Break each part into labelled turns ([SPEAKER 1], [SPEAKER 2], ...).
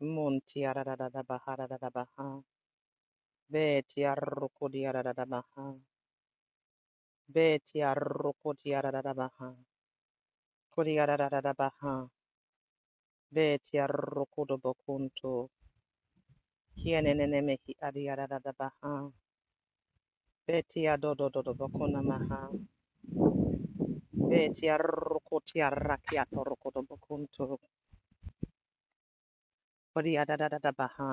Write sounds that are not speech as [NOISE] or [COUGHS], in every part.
[SPEAKER 1] Monti arararara bahararara baha. Beti arrokodi arararara baha. Beti arrokodi arararara baha. Kodi arararara baha. Beti arrokodo bokunto. Kienenene mehi adi arararara baha. Beti adodododo bokuna maha. Beti arrokoti arrakiato rokodo bokunto. Kodi arararara baha.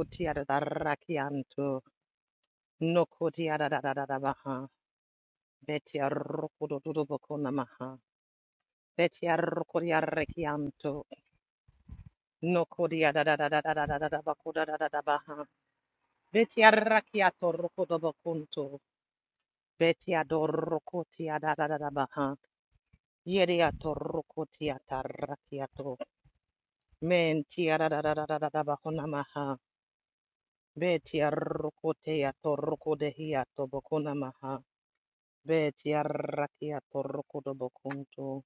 [SPEAKER 1] Uti arararrakianto. Nokoti arararara baha. Beti arrokodo dodo bokuna maha. Betiar Koriarekianto, no Kodia da da da da da da da da da Bakuda da da da Baha, Betiarakiato Rokodobacunto, Betiador Rokotia da da da da Baha, Yediato Rokotia Tarakiato, Mentia da da da da da da da Bakunamaha, Betiar Rokotea Torokodehiato Bakunamaha, Betiarakiato Rokodobacunto,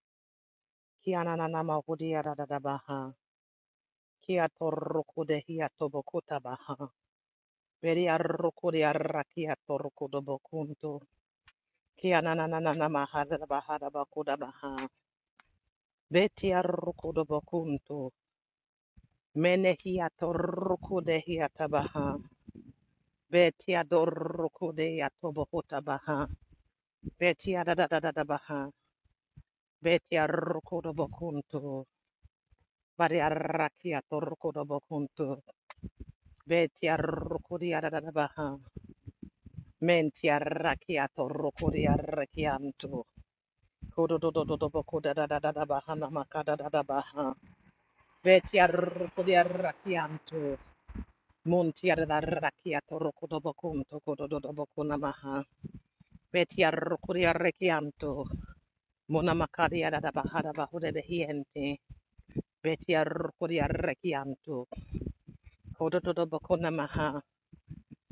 [SPEAKER 1] Kiananama Hudia da da da Baha, Kiato Rokodehiato Bakuta Baha. Veri arrokuri arraki atorokudo bokunto. Ki ananana mahada bahada bakuda baha. Beti arrokudo bokunto. Menehi atorokude hiatabaha. Beti adorokude atobohuta baha. Beti adadadada baha. Beti arrokudo bokunto. Bari arraki atorokudo bokunto. Beti arrokuri adadada baha. Menti arraki atorku de arrakianto. Kodo kodo kodo kodo do do do do do do do do do da da da da da bahana makada da da baha. Vetia roko dia rakianto. Montia da rakiato roko do bokunto kodo do do boko namaha. Vetia roko dia rakianto. Mona makadia da da baha da rakianto. rakianto. rakianto. Kodo do do boko namaha.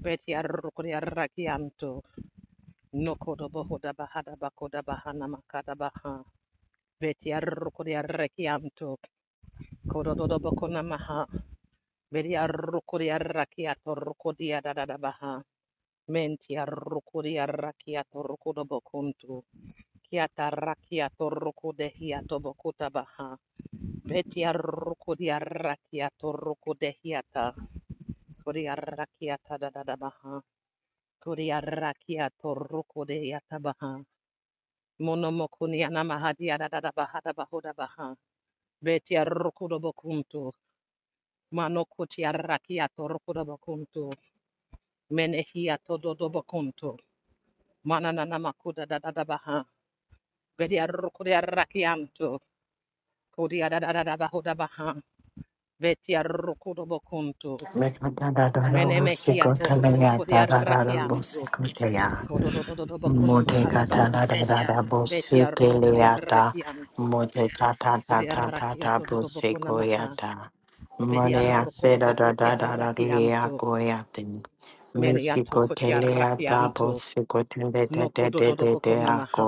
[SPEAKER 1] Vetia roko dia rakianto. No Kodododododobo kodadadadabaha namakadadadabaha. Betiarukodiarakianto. Montiararakiato rokodobokunto kodododobokunamaha. Betiarukodiarakianto. Monamakadiadadabahadabahudebehiente. Betiarukodiarakianto. Kodododobokunamaha. do Nokodobohodabahadabakodabahanamakadabaha. Betiarukodiarakianto. Kodododobokunamaha. Vedi arrukuri arrakiato rukudi adadabaha. Menti arrukuri arrakiato rukudo bokuntu. Kiata arrakiato rukude hiato bokuta baha. Veti arrukuri arrakiato rukude hiata. Kuri arrakiata dadadabaha. Kuri arrakiato rukude hiata baha. Mono mokuni anamahadi adadabaha dabahuda baha. Veti arrukudo bokuntu. Mano kuti arrakiato rukudo bokuntu. Menehia todo dobo conto. Mananana makuda da da da baha. Vedia rukuria rakianto. Kudia da da da da bahuda baha. Vetia rukudo bokunto.
[SPEAKER 2] Mudada
[SPEAKER 1] Menemehia to rukuria rakianto. Kodo do do do do bokuna mahada baha. Vetia rukuria rakianto. Kudia rakiato do do bokuna maha. Vedia rukudo bokutia rakianto. Meniato kutia rakianto. No kodo do do bokuna maha.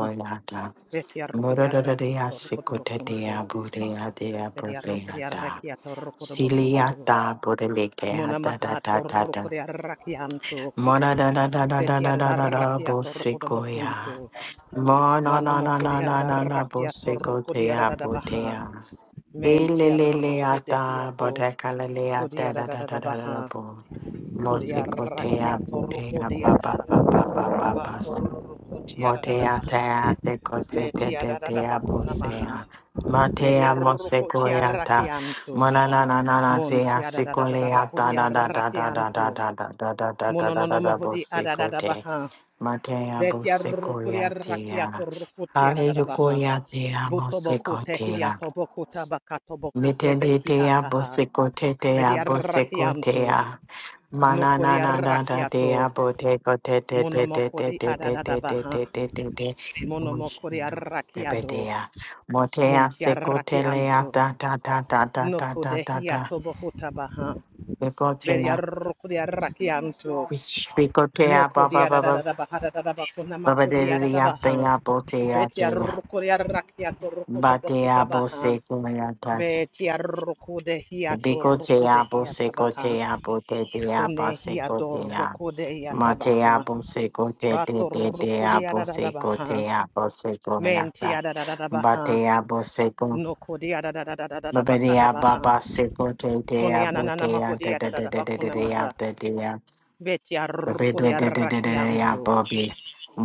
[SPEAKER 1] Beti arroko di
[SPEAKER 2] de
[SPEAKER 1] arrekia torroko do
[SPEAKER 2] Asicotea
[SPEAKER 1] bokunto.
[SPEAKER 2] Budea de
[SPEAKER 1] Beti arroko di
[SPEAKER 2] Abreata.
[SPEAKER 1] arrekia torroko do bokunto.
[SPEAKER 2] Siliata Bodemeke
[SPEAKER 1] Mona
[SPEAKER 2] da da
[SPEAKER 1] maha
[SPEAKER 2] da da da.
[SPEAKER 1] torroko di arrakianto.
[SPEAKER 2] Mona da da da da da
[SPEAKER 1] Beti
[SPEAKER 2] da da da da
[SPEAKER 1] arrakia torroko do
[SPEAKER 2] Bosekoya.
[SPEAKER 1] bokunto.
[SPEAKER 2] Mona
[SPEAKER 1] Mano
[SPEAKER 2] na na
[SPEAKER 1] moko di
[SPEAKER 2] na na na na
[SPEAKER 1] arrakia torroko di
[SPEAKER 2] Bosekotea
[SPEAKER 1] arrabaha.
[SPEAKER 2] Botea.
[SPEAKER 1] Menti arroko de
[SPEAKER 2] Ililiata
[SPEAKER 1] hiato.
[SPEAKER 2] Bodekalea
[SPEAKER 1] Kodi
[SPEAKER 2] da da da da da da da
[SPEAKER 1] arrabaha.
[SPEAKER 2] bo.
[SPEAKER 1] Kodi arrakia
[SPEAKER 2] Mosekotea
[SPEAKER 1] torroko
[SPEAKER 2] Botea
[SPEAKER 1] di
[SPEAKER 2] Papa
[SPEAKER 1] ata.
[SPEAKER 2] Papa Papa
[SPEAKER 1] Ba
[SPEAKER 2] Papa
[SPEAKER 1] torroko ti
[SPEAKER 2] Motea
[SPEAKER 1] arrabaha.
[SPEAKER 2] tea te kote te
[SPEAKER 1] Beti
[SPEAKER 2] te te
[SPEAKER 1] arrabakuna maha.
[SPEAKER 2] abusea.
[SPEAKER 1] Beti
[SPEAKER 2] Matea
[SPEAKER 1] arroko ti
[SPEAKER 2] mosekoeata.
[SPEAKER 1] arrakianto.
[SPEAKER 2] Manana na na na tea
[SPEAKER 1] Monti
[SPEAKER 2] sikoleata
[SPEAKER 1] adadadabakuri
[SPEAKER 2] da da da da da da
[SPEAKER 1] arrakianto.
[SPEAKER 2] da da da da da da da da da
[SPEAKER 1] Monononomohudi
[SPEAKER 2] bosekote.
[SPEAKER 1] adadadabaha.
[SPEAKER 2] Matea
[SPEAKER 1] Veti arrukuri arrakiato
[SPEAKER 2] bosekoeatea.
[SPEAKER 1] rukuti adadadabaha.
[SPEAKER 2] Hallelujah,
[SPEAKER 1] Butoboku
[SPEAKER 2] mosekotea.
[SPEAKER 1] tehiato boku tabakato boku tebeki
[SPEAKER 2] Mitendea
[SPEAKER 1] ataha. Vedi
[SPEAKER 2] bosecotetea
[SPEAKER 1] arrakianto.
[SPEAKER 2] bosecotea.
[SPEAKER 1] Nokuri
[SPEAKER 2] Mananana da da
[SPEAKER 1] arrakiato.
[SPEAKER 2] dea boteco te te te te te
[SPEAKER 1] Monomokuri
[SPEAKER 2] te te te
[SPEAKER 1] adadadabaha.
[SPEAKER 2] te te te te te.
[SPEAKER 1] Monomokuri arrakiado.
[SPEAKER 2] Bebedea. Motea
[SPEAKER 1] Monti
[SPEAKER 2] secotelea
[SPEAKER 1] arrakianto.
[SPEAKER 2] da da da da da da da da da.
[SPEAKER 1] Nokudehiato tabaha. Vedi
[SPEAKER 2] Becotea.
[SPEAKER 1] arrukuri arrakianto. No
[SPEAKER 2] Becotea baba
[SPEAKER 1] kodia da da da
[SPEAKER 2] baba.
[SPEAKER 1] da ba ha da da da ba kona ma
[SPEAKER 2] Baba de
[SPEAKER 1] kodia da da
[SPEAKER 2] dea
[SPEAKER 1] ba ha.
[SPEAKER 2] dea botea
[SPEAKER 1] Betia
[SPEAKER 2] dea.
[SPEAKER 1] rukodia rakia to rukoto
[SPEAKER 2] Batea
[SPEAKER 1] bokota ba ha.
[SPEAKER 2] bosecotea.
[SPEAKER 1] Betia rukode hia to
[SPEAKER 2] Bigotea
[SPEAKER 1] rukode hia tabaha.
[SPEAKER 2] bosecotea botetea
[SPEAKER 1] Kune hia do
[SPEAKER 2] basecotea.
[SPEAKER 1] rukode hia
[SPEAKER 2] Matea
[SPEAKER 1] tabaha.
[SPEAKER 2] bosecote de
[SPEAKER 1] Bato
[SPEAKER 2] de dea
[SPEAKER 1] rukodia da da da ba ha.
[SPEAKER 2] bosecotea bosecoleata.
[SPEAKER 1] Mentia da da da da ba ha.
[SPEAKER 2] Batea boseco.
[SPEAKER 1] No kodia da da da da da da da ba kada
[SPEAKER 2] Babadea
[SPEAKER 1] ba ha.
[SPEAKER 2] baba secote
[SPEAKER 1] Kone
[SPEAKER 2] dea
[SPEAKER 1] ananana
[SPEAKER 2] botea de
[SPEAKER 1] mahodia da
[SPEAKER 2] de
[SPEAKER 1] da
[SPEAKER 2] de
[SPEAKER 1] da
[SPEAKER 2] de
[SPEAKER 1] ba
[SPEAKER 2] de de
[SPEAKER 1] kona ma
[SPEAKER 2] dea
[SPEAKER 1] ha.
[SPEAKER 2] de dea.
[SPEAKER 1] Betia
[SPEAKER 2] Babadea
[SPEAKER 1] rukodia
[SPEAKER 2] de de de de dea
[SPEAKER 1] rakianto.
[SPEAKER 2] bobi.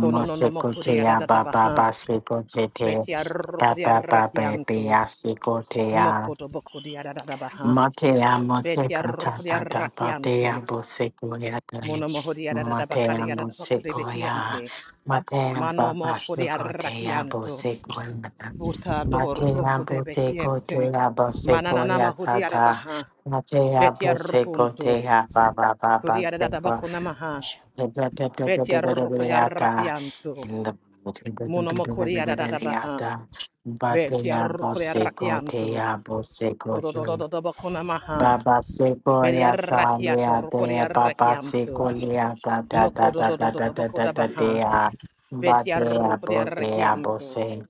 [SPEAKER 1] Kono no no no mo kodia da da da ba
[SPEAKER 2] baba
[SPEAKER 1] ha.
[SPEAKER 2] basecote.
[SPEAKER 1] Betia Rokodia
[SPEAKER 2] Baba baba
[SPEAKER 1] Rakianto,
[SPEAKER 2] bea secotea.
[SPEAKER 1] Nokoto Bokodia Dadabaha,
[SPEAKER 2] Matea
[SPEAKER 1] Betia
[SPEAKER 2] Moteca
[SPEAKER 1] Rokodia
[SPEAKER 2] Tata Tapatea
[SPEAKER 1] rakianto,
[SPEAKER 2] Bosecoya
[SPEAKER 1] Monomohodia
[SPEAKER 2] Matea
[SPEAKER 1] Dadabacadia Dabacode
[SPEAKER 2] Bosecoya
[SPEAKER 1] Behiente,
[SPEAKER 2] Matea
[SPEAKER 1] Mano
[SPEAKER 2] Baba
[SPEAKER 1] Mokodia
[SPEAKER 2] Secotea
[SPEAKER 1] rakianto,
[SPEAKER 2] Bosecoya
[SPEAKER 1] Butador
[SPEAKER 2] Matea
[SPEAKER 1] Rokode Behiente,
[SPEAKER 2] Botecotea Bosecoya
[SPEAKER 1] Mananama Hodia
[SPEAKER 2] Tata
[SPEAKER 1] Dabaha,
[SPEAKER 2] Matea
[SPEAKER 1] Betia Rokunto,
[SPEAKER 2] Bosecotea Baba Baba
[SPEAKER 1] Kodia
[SPEAKER 2] Seco
[SPEAKER 1] Dadabaconamaha, Betia Rokodia
[SPEAKER 2] Yata
[SPEAKER 1] rakianto,
[SPEAKER 2] in the
[SPEAKER 1] Mano Betiarokodiarakianto, Nokodobokodiarabaha, Betiarokodiarakianto, Monomohodiarabacadiarabacodebehiente, Manomokodiarakianto, Butadorokodebehiente, Manananamahodiarabaha,
[SPEAKER 2] Batea
[SPEAKER 1] Betiarokunto, Kodiarabaconamaha, Betia Monomokodiarabaha, rakianto.
[SPEAKER 2] Bosecotea Bosecotea
[SPEAKER 1] Kododododobokonamaha.
[SPEAKER 2] Baba Sequoia
[SPEAKER 1] Beriarrakiato
[SPEAKER 2] Talia de Baba
[SPEAKER 1] rokoriarrakianto.
[SPEAKER 2] Sequoia da da da da da da da da da
[SPEAKER 1] Nokododododobokodabaha.
[SPEAKER 2] dea Badea Bodea
[SPEAKER 1] Betiarrokoriarrakianto.
[SPEAKER 2] Bose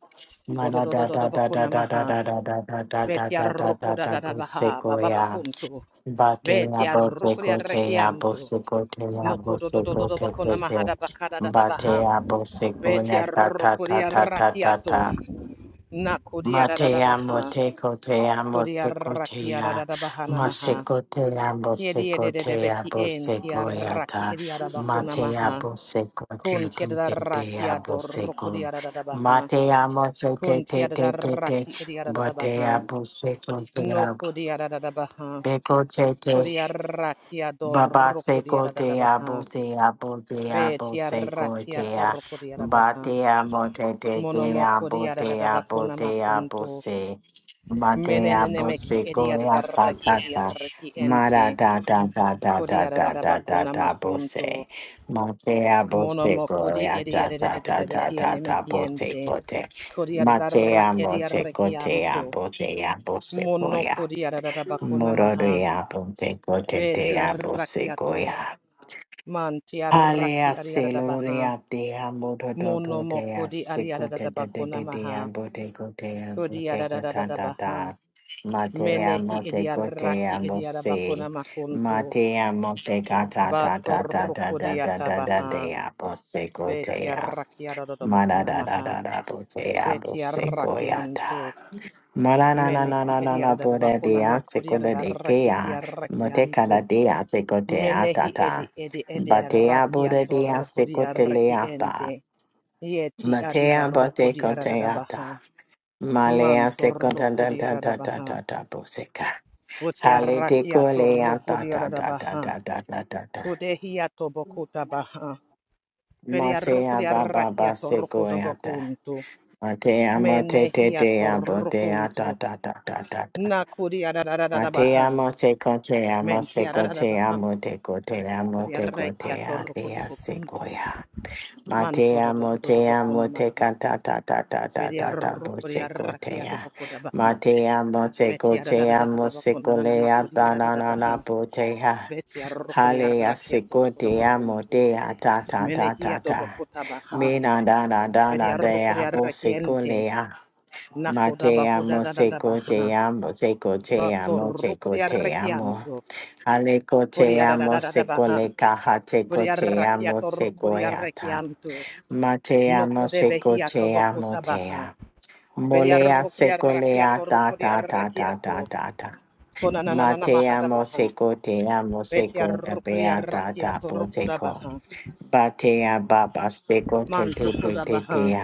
[SPEAKER 2] Mana da da da da da da
[SPEAKER 1] Kododododobokonamaha.
[SPEAKER 2] da da da da da da da da da da
[SPEAKER 1] Betiarrokodadadabaha.
[SPEAKER 2] Bosequoia
[SPEAKER 1] Bababakunto.
[SPEAKER 2] Batea Bosecotea
[SPEAKER 1] Betiarrokoriarrakianto.
[SPEAKER 2] Bosecotea
[SPEAKER 1] Nokododododobokonamaha
[SPEAKER 2] Bosecote
[SPEAKER 1] dabakadadadabaha.
[SPEAKER 2] Batea Bosequoia ta ta ta ta ta ta
[SPEAKER 1] Betiarrokoriarrakiato.
[SPEAKER 2] ta Mate
[SPEAKER 1] Nakodiaradabaha.
[SPEAKER 2] amo te ko te amo se ko te a
[SPEAKER 1] Kodiarrakiadadabahana
[SPEAKER 2] ma se
[SPEAKER 1] maha.
[SPEAKER 2] ko te amo se
[SPEAKER 1] Kiedi
[SPEAKER 2] ko te
[SPEAKER 1] ededebeki
[SPEAKER 2] amo se
[SPEAKER 1] enti
[SPEAKER 2] ko ya
[SPEAKER 1] araki
[SPEAKER 2] ta
[SPEAKER 1] edi
[SPEAKER 2] ma
[SPEAKER 1] arabakuna
[SPEAKER 2] te
[SPEAKER 1] maha.
[SPEAKER 2] amo se ko te
[SPEAKER 1] Kun
[SPEAKER 2] te te te
[SPEAKER 1] tiedarraki
[SPEAKER 2] amo se
[SPEAKER 1] adoroko di
[SPEAKER 2] ko
[SPEAKER 1] adadabaha.
[SPEAKER 2] ma te amo se te
[SPEAKER 1] Kun
[SPEAKER 2] te te te te
[SPEAKER 1] tiedarraki edi
[SPEAKER 2] ma te
[SPEAKER 1] adadabaha.
[SPEAKER 2] amo se ko te
[SPEAKER 1] No
[SPEAKER 2] amo
[SPEAKER 1] kodi adadabaha.
[SPEAKER 2] te ko te te
[SPEAKER 1] Kodi araki
[SPEAKER 2] Baba
[SPEAKER 1] adoroko di
[SPEAKER 2] seko te abo
[SPEAKER 1] adadabaha.
[SPEAKER 2] te abo te
[SPEAKER 1] Be
[SPEAKER 2] abo seko
[SPEAKER 1] tiarraki
[SPEAKER 2] te a
[SPEAKER 1] atoroko di
[SPEAKER 2] ba
[SPEAKER 1] adabaha.
[SPEAKER 2] te amo te te te
[SPEAKER 1] Monomoko di
[SPEAKER 2] abo te abo
[SPEAKER 1] adadabakuna
[SPEAKER 2] te abo
[SPEAKER 1] makunto.
[SPEAKER 2] se ma te abo
[SPEAKER 1] Menenemeki edi
[SPEAKER 2] seko ya ta
[SPEAKER 1] adarraki
[SPEAKER 2] ta
[SPEAKER 1] edi
[SPEAKER 2] ta
[SPEAKER 1] araki
[SPEAKER 2] ma da
[SPEAKER 1] ente.
[SPEAKER 2] da da da da
[SPEAKER 1] Kodi
[SPEAKER 2] da da da da
[SPEAKER 1] adadabakuna
[SPEAKER 2] da bo
[SPEAKER 1] makunto.
[SPEAKER 2] se ma te abo
[SPEAKER 1] Mono
[SPEAKER 2] seko
[SPEAKER 1] mokori
[SPEAKER 2] ya
[SPEAKER 1] eri
[SPEAKER 2] ta
[SPEAKER 1] eri eri
[SPEAKER 2] ta
[SPEAKER 1] eri
[SPEAKER 2] ta
[SPEAKER 1] eri
[SPEAKER 2] ta ta
[SPEAKER 1] mekiene
[SPEAKER 2] ta bo te
[SPEAKER 1] mekiente.
[SPEAKER 2] bo te
[SPEAKER 1] Kori
[SPEAKER 2] ma te
[SPEAKER 1] adarra
[SPEAKER 2] amo
[SPEAKER 1] keri
[SPEAKER 2] seko te
[SPEAKER 1] arrekianto.
[SPEAKER 2] abo te abo seko
[SPEAKER 1] Mono
[SPEAKER 2] ya
[SPEAKER 1] kori adarra bakuna
[SPEAKER 2] Moro
[SPEAKER 1] maha.
[SPEAKER 2] de abo te cote de
[SPEAKER 1] Beti
[SPEAKER 2] abo
[SPEAKER 1] arrakiato.
[SPEAKER 2] sequoia.
[SPEAKER 1] Manti
[SPEAKER 2] Halea
[SPEAKER 1] arraki ari adarra baha.
[SPEAKER 2] celoria de amodo do
[SPEAKER 1] Mono
[SPEAKER 2] do de a
[SPEAKER 1] mokori ari
[SPEAKER 2] secote
[SPEAKER 1] adarra
[SPEAKER 2] de de
[SPEAKER 1] bakuna
[SPEAKER 2] de de
[SPEAKER 1] maha.
[SPEAKER 2] abo te cote abo
[SPEAKER 1] Kori
[SPEAKER 2] te
[SPEAKER 1] adarra
[SPEAKER 2] cotata
[SPEAKER 1] baha.
[SPEAKER 2] da. Matea
[SPEAKER 1] Menehi
[SPEAKER 2] mote
[SPEAKER 1] eri
[SPEAKER 2] cote
[SPEAKER 1] arraki
[SPEAKER 2] amo
[SPEAKER 1] eri adarra
[SPEAKER 2] se.
[SPEAKER 1] bakuna makunto.
[SPEAKER 2] Matea mote gata da da da
[SPEAKER 1] Batorro
[SPEAKER 2] da da
[SPEAKER 1] kori
[SPEAKER 2] da da da
[SPEAKER 1] atabaha.
[SPEAKER 2] de abo
[SPEAKER 1] Beti
[SPEAKER 2] secotea.
[SPEAKER 1] arraki adarra
[SPEAKER 2] Mana
[SPEAKER 1] bakuna
[SPEAKER 2] da da
[SPEAKER 1] maha.
[SPEAKER 2] da da bote abo
[SPEAKER 1] Beti
[SPEAKER 2] sequoia da.
[SPEAKER 1] arrakianto.
[SPEAKER 2] Mora na na na
[SPEAKER 1] Meneki
[SPEAKER 2] na na na Morananananana
[SPEAKER 1] ediada da bakuna
[SPEAKER 2] bodadea
[SPEAKER 1] makuria da raki
[SPEAKER 2] sekodadekea
[SPEAKER 1] ediarrakianto.
[SPEAKER 2] motekadadea
[SPEAKER 1] Menehi
[SPEAKER 2] sekoteatata
[SPEAKER 1] edi edi edi
[SPEAKER 2] batea
[SPEAKER 1] rakiato
[SPEAKER 2] bodadea
[SPEAKER 1] rokodia raki
[SPEAKER 2] sekoteleata
[SPEAKER 1] ente. Yeti adia
[SPEAKER 2] matea
[SPEAKER 1] rokodia da
[SPEAKER 2] botekoteata
[SPEAKER 1] baha.
[SPEAKER 2] malea
[SPEAKER 1] Manto rokodia da baha.
[SPEAKER 2] sekotatatatata boseka
[SPEAKER 1] Buti arrakiato rokodia da baha.
[SPEAKER 2] haletekoleatatatatatatata
[SPEAKER 1] Kudehiato bokuta baha. Beri
[SPEAKER 2] matea
[SPEAKER 1] arrokodia
[SPEAKER 2] bababa
[SPEAKER 1] rakiato rokodo
[SPEAKER 2] sekoeata
[SPEAKER 1] bokunto.
[SPEAKER 2] matea
[SPEAKER 1] Menehiato
[SPEAKER 2] motetetea
[SPEAKER 1] rokunto.
[SPEAKER 2] boteatatatata
[SPEAKER 1] Nakuria da da da
[SPEAKER 2] Mate
[SPEAKER 1] baha.
[SPEAKER 2] amo te conte amo se
[SPEAKER 1] Menti
[SPEAKER 2] conte
[SPEAKER 1] arararaba,
[SPEAKER 2] amo te conte amo te
[SPEAKER 1] Beriareki
[SPEAKER 2] conte alea
[SPEAKER 1] atorokorobokunto,
[SPEAKER 2] sequoia. Mate
[SPEAKER 1] Manto
[SPEAKER 2] amo te
[SPEAKER 1] dododododobokona
[SPEAKER 2] amo te canta ta ta ta ta ta ta bo se
[SPEAKER 1] Beriarokoriaraki
[SPEAKER 2] cotea.
[SPEAKER 1] adobokodabaha,
[SPEAKER 2] Mate amo te
[SPEAKER 1] Beti
[SPEAKER 2] conte amo se
[SPEAKER 1] arararabakona
[SPEAKER 2] colea
[SPEAKER 1] nanamakodi
[SPEAKER 2] ta na na
[SPEAKER 1] arararabaha,
[SPEAKER 2] na botea.
[SPEAKER 1] Beti
[SPEAKER 2] Halea
[SPEAKER 1] arokoriaraki
[SPEAKER 2] se conte amo
[SPEAKER 1] atorokodobokunto,
[SPEAKER 2] te ta ta ta
[SPEAKER 1] Menehi
[SPEAKER 2] ta ta.
[SPEAKER 1] adobokotabaha,
[SPEAKER 2] Me na da da da da dea bo
[SPEAKER 1] Beriarokoriaraki
[SPEAKER 2] se
[SPEAKER 1] ente,
[SPEAKER 2] colea. Ma te amo, seco te
[SPEAKER 1] Nakodabahudadadabaha,
[SPEAKER 2] amo, seco te amo, seco te
[SPEAKER 1] Batorokoriaraki
[SPEAKER 2] amo.
[SPEAKER 1] anto,
[SPEAKER 2] Aleco te amo, seco
[SPEAKER 1] Koriarararabaha,
[SPEAKER 2] le caja, seco te
[SPEAKER 1] Beriaraki
[SPEAKER 2] amo, seco
[SPEAKER 1] atorokoriaraki
[SPEAKER 2] eata.
[SPEAKER 1] anto,
[SPEAKER 2] Ma te
[SPEAKER 1] No
[SPEAKER 2] amo,
[SPEAKER 1] kode
[SPEAKER 2] seco
[SPEAKER 1] behia to
[SPEAKER 2] te amo,
[SPEAKER 1] bokota
[SPEAKER 2] te
[SPEAKER 1] baha.
[SPEAKER 2] amo.
[SPEAKER 1] Veria
[SPEAKER 2] Molea
[SPEAKER 1] rukria
[SPEAKER 2] seco
[SPEAKER 1] rakia
[SPEAKER 2] lea
[SPEAKER 1] to
[SPEAKER 2] ta
[SPEAKER 1] rukria
[SPEAKER 2] ta ta
[SPEAKER 1] rakia
[SPEAKER 2] ta ta
[SPEAKER 1] to.
[SPEAKER 2] ta ta.
[SPEAKER 1] Kona na na
[SPEAKER 2] Ma
[SPEAKER 1] na na
[SPEAKER 2] te
[SPEAKER 1] mahada
[SPEAKER 2] amo,
[SPEAKER 1] baha.
[SPEAKER 2] seco te amo,
[SPEAKER 1] Vetia
[SPEAKER 2] seco
[SPEAKER 1] rukria
[SPEAKER 2] epea ta
[SPEAKER 1] rakia
[SPEAKER 2] ta
[SPEAKER 1] to
[SPEAKER 2] po
[SPEAKER 1] rukoda
[SPEAKER 2] seco.
[SPEAKER 1] baha.
[SPEAKER 2] Batea baba, seco te
[SPEAKER 1] Manto
[SPEAKER 2] te te
[SPEAKER 1] koda
[SPEAKER 2] te
[SPEAKER 1] baha.
[SPEAKER 2] te.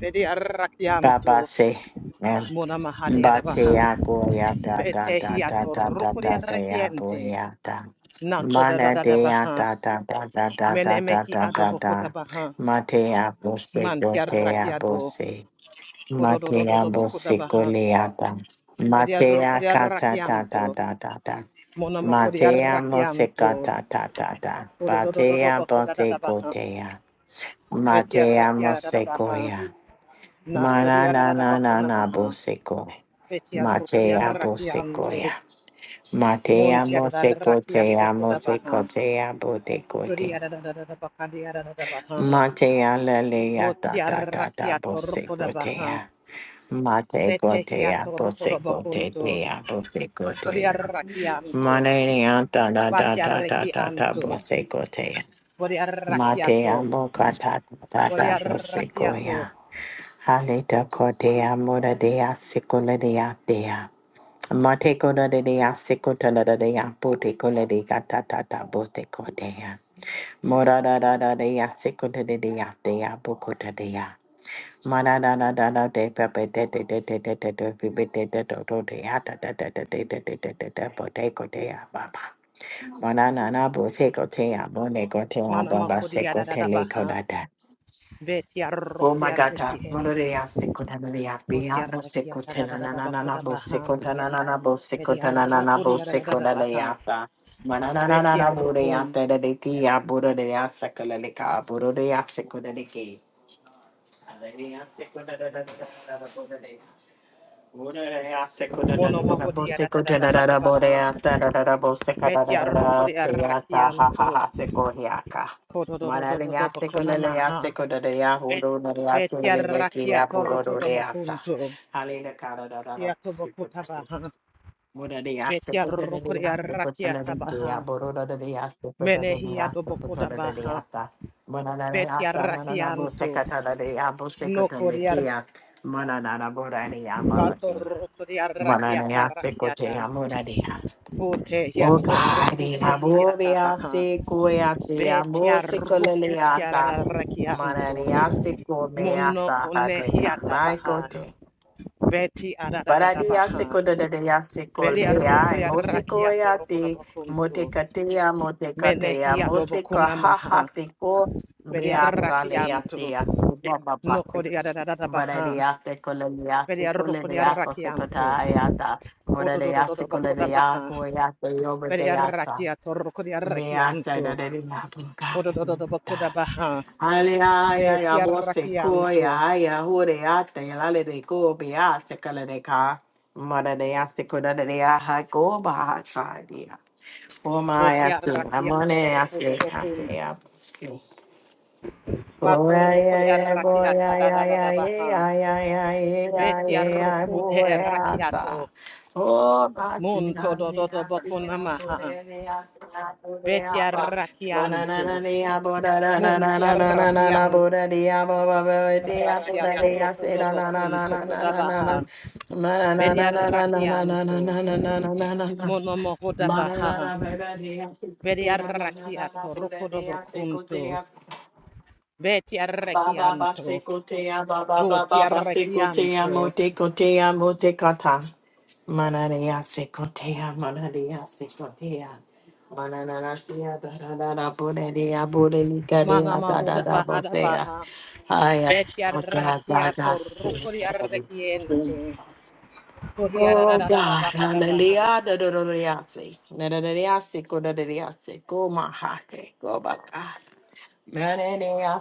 [SPEAKER 1] Veria rakianto.
[SPEAKER 2] Babase. Mem.
[SPEAKER 1] Mona mahadia da
[SPEAKER 2] Bate
[SPEAKER 1] baha.
[SPEAKER 2] agoyata da da
[SPEAKER 1] Vetehia
[SPEAKER 2] da
[SPEAKER 1] to
[SPEAKER 2] da da da
[SPEAKER 1] rukria
[SPEAKER 2] da
[SPEAKER 1] rakiente.
[SPEAKER 2] yaboyata.
[SPEAKER 1] Na koda da
[SPEAKER 2] Mana
[SPEAKER 1] da da
[SPEAKER 2] de da
[SPEAKER 1] baha.
[SPEAKER 2] da da da da da
[SPEAKER 1] Mene
[SPEAKER 2] da
[SPEAKER 1] mehi
[SPEAKER 2] da
[SPEAKER 1] ado
[SPEAKER 2] da
[SPEAKER 1] bokota
[SPEAKER 2] da.
[SPEAKER 1] baha.
[SPEAKER 2] Mate abose
[SPEAKER 1] Mantia
[SPEAKER 2] gote
[SPEAKER 1] rakiado.
[SPEAKER 2] abose.
[SPEAKER 1] Kodo do do
[SPEAKER 2] Mate
[SPEAKER 1] do do bokota
[SPEAKER 2] abose
[SPEAKER 1] baha.
[SPEAKER 2] goleata.
[SPEAKER 1] Veria
[SPEAKER 2] Mate
[SPEAKER 1] rukria
[SPEAKER 2] akata da
[SPEAKER 1] rakianto.
[SPEAKER 2] da da da da.
[SPEAKER 1] Mona makori
[SPEAKER 2] Matea
[SPEAKER 1] arrakianto.
[SPEAKER 2] mosekata ta ta ta.
[SPEAKER 1] Kodododododo
[SPEAKER 2] Batea
[SPEAKER 1] bako
[SPEAKER 2] bote
[SPEAKER 1] dadadabaha.
[SPEAKER 2] gotea.
[SPEAKER 1] Beti
[SPEAKER 2] Matea
[SPEAKER 1] arrakia dadadabaha.
[SPEAKER 2] mosekoya.
[SPEAKER 1] Nakori
[SPEAKER 2] Manana na
[SPEAKER 1] arradabako
[SPEAKER 2] na na
[SPEAKER 1] namaha.
[SPEAKER 2] boseco.
[SPEAKER 1] Beti arrukri
[SPEAKER 2] Matea
[SPEAKER 1] arrakianto.
[SPEAKER 2] bosecoya. Matea
[SPEAKER 1] Monti
[SPEAKER 2] moseco
[SPEAKER 1] arrakia
[SPEAKER 2] tea
[SPEAKER 1] boko
[SPEAKER 2] moseco
[SPEAKER 1] dabaha.
[SPEAKER 2] tea botecote.
[SPEAKER 1] Kuri arradabakadi arradabaha.
[SPEAKER 2] Matea lelea ta
[SPEAKER 1] Boti
[SPEAKER 2] ta ta ta
[SPEAKER 1] arrakia torko
[SPEAKER 2] boseco
[SPEAKER 1] dabaha.
[SPEAKER 2] tea. Mateco
[SPEAKER 1] Betehia
[SPEAKER 2] tea
[SPEAKER 1] toroko
[SPEAKER 2] boseco te
[SPEAKER 1] dabakunto.
[SPEAKER 2] tea boseco
[SPEAKER 1] Kori
[SPEAKER 2] tea.
[SPEAKER 1] arrakianto.
[SPEAKER 2] Manea ta ta ta
[SPEAKER 1] Bati
[SPEAKER 2] ta ta ta ta
[SPEAKER 1] arrakianto.
[SPEAKER 2] boseco tea.
[SPEAKER 1] Bori
[SPEAKER 2] Matea
[SPEAKER 1] arrakiato.
[SPEAKER 2] moca ta ta ta
[SPEAKER 1] Bori
[SPEAKER 2] ta bosecoya.
[SPEAKER 1] arrakiato.
[SPEAKER 2] Aleta kodea mora dea sikola dea dea. Mate koda de dea sikota da dea pote kola de gata tata bote kodea. Mora da da da dea sikota de dea dea bokota dea. Mara da da da da de pepe de de de de de de de pepe de de de de de ata de de de de de de de de de bote kodea baba. Mara na na bote kotea bone kotea
[SPEAKER 1] Manama
[SPEAKER 2] baba
[SPEAKER 1] kodi
[SPEAKER 2] sikote le
[SPEAKER 1] arradabaha.
[SPEAKER 2] koda Oh
[SPEAKER 1] Betiarroko
[SPEAKER 2] my God, ta-
[SPEAKER 1] diarreki ente.
[SPEAKER 2] Mororea secotanarea, Biano
[SPEAKER 1] Botiarreki atadadada
[SPEAKER 2] secotananana,
[SPEAKER 1] bakoda
[SPEAKER 2] bo
[SPEAKER 1] baha.
[SPEAKER 2] secotanana, bo secotanana,
[SPEAKER 1] Betiarroko
[SPEAKER 2] bo
[SPEAKER 1] diadadada baha.
[SPEAKER 2] secotaleata. Mananana,
[SPEAKER 1] Betiarrokun.
[SPEAKER 2] Boreata, the dekia, Borodea, Sacalalica, Borodea, secotaniki. Mana
[SPEAKER 1] Monomoko diadadada bahada baha. Betiarroko diarreki antu. Kodododododo bakona maha. Betiarraki atorroko da bakuntu. Kiato bakuta baha. Betiarroko diarreki atabaha. Menehi adobokoda baha. Betiarraki antu.
[SPEAKER 2] Mana na na bora ni amaba
[SPEAKER 1] Bato
[SPEAKER 2] ki.
[SPEAKER 1] rukudi arakiyata
[SPEAKER 2] Mananea seko te
[SPEAKER 1] rakiyata,
[SPEAKER 2] amo na dea.
[SPEAKER 1] bote ya
[SPEAKER 2] O gari
[SPEAKER 1] torukute
[SPEAKER 2] amo
[SPEAKER 1] hiyata
[SPEAKER 2] dea
[SPEAKER 1] bah.
[SPEAKER 2] seko ea te amo
[SPEAKER 1] Betyar
[SPEAKER 2] seko
[SPEAKER 1] rukute
[SPEAKER 2] leleata.
[SPEAKER 1] yararakiyanto,
[SPEAKER 2] Mananea seko
[SPEAKER 1] mono
[SPEAKER 2] meata hareka
[SPEAKER 1] konehiyata
[SPEAKER 2] maiko
[SPEAKER 1] bah. Betyararararar
[SPEAKER 2] Paradia
[SPEAKER 1] bah.
[SPEAKER 2] seco da da da seco
[SPEAKER 1] Belyar
[SPEAKER 2] lea,
[SPEAKER 1] rukuye
[SPEAKER 2] mosico
[SPEAKER 1] arakiyato rukoda
[SPEAKER 2] eate,
[SPEAKER 1] bakundo,
[SPEAKER 2] motecatea, motecatea,
[SPEAKER 1] menehiyado
[SPEAKER 2] mosica ha
[SPEAKER 1] bakunama
[SPEAKER 2] ha
[SPEAKER 1] bah.
[SPEAKER 2] teco,
[SPEAKER 1] Belyar
[SPEAKER 2] mea salea
[SPEAKER 1] rakiyanto,
[SPEAKER 2] tea, buda baba
[SPEAKER 1] nukudi
[SPEAKER 2] seco.
[SPEAKER 1] ararararar bah.
[SPEAKER 2] Baradia seco lea,
[SPEAKER 1] Belyar
[SPEAKER 2] seco
[SPEAKER 1] rukudi
[SPEAKER 2] lea,
[SPEAKER 1] arakiyanto,
[SPEAKER 2] posecotaiata, moradia seco lea,
[SPEAKER 1] kodododododabah.
[SPEAKER 2] coeate, over
[SPEAKER 1] Beri
[SPEAKER 2] deasa,
[SPEAKER 1] arrakiato, rokodi
[SPEAKER 2] mea sada
[SPEAKER 1] arrakianto,
[SPEAKER 2] de la
[SPEAKER 1] kodododo
[SPEAKER 2] bucada.
[SPEAKER 1] bokoda baha,
[SPEAKER 2] Ale aya
[SPEAKER 1] beti
[SPEAKER 2] ya bose ko
[SPEAKER 1] arrakianto,
[SPEAKER 2] ya ya hore ate lale de ko be a se kale de ka mara de a se ko da de a ha ko ba ha ka dia o ma
[SPEAKER 1] boti
[SPEAKER 2] ya tu
[SPEAKER 1] arrakiato,
[SPEAKER 2] amone ya
[SPEAKER 1] rokodo bokun,
[SPEAKER 2] se Oh,
[SPEAKER 1] bato rokodi arrakiata da da da da baha, beti arrokute arrakiato, munto dododo bokuna maha, beti arrakianto,
[SPEAKER 2] Manana,
[SPEAKER 1] munti arrakianto, arrakiato, rokodo bokun, tokoda baha, beri arrakianto, monomohoda baha,
[SPEAKER 2] baby, they have to put
[SPEAKER 1] Vedi
[SPEAKER 2] in. another
[SPEAKER 1] arrachiato,
[SPEAKER 2] Buddha,
[SPEAKER 1] rocodo
[SPEAKER 2] they have to go
[SPEAKER 1] bocunto,
[SPEAKER 2] there.
[SPEAKER 1] veti
[SPEAKER 2] Baba
[SPEAKER 1] arrachianto,
[SPEAKER 2] bāse koteya baba
[SPEAKER 1] voti
[SPEAKER 2] baba bāse koteya
[SPEAKER 1] arrachianto,
[SPEAKER 2] mote koteya mote katha mana reya se koteya mana reya se koteya mana na na seya dharada na bole reya bole likade
[SPEAKER 1] mana
[SPEAKER 2] dada
[SPEAKER 1] mahoda
[SPEAKER 2] dada bo
[SPEAKER 1] bahada
[SPEAKER 2] seya
[SPEAKER 1] baha,
[SPEAKER 2] ayah.
[SPEAKER 1] veti arrachiato, rocodi arrachiente, vodi
[SPEAKER 2] Oh
[SPEAKER 1] arrachiato,
[SPEAKER 2] God,
[SPEAKER 1] bahada
[SPEAKER 2] lele
[SPEAKER 1] baha,
[SPEAKER 2] ya dodo dodo ya se, na na na ya se ko na na ya se ko mahate ko bakat. Hallelujah.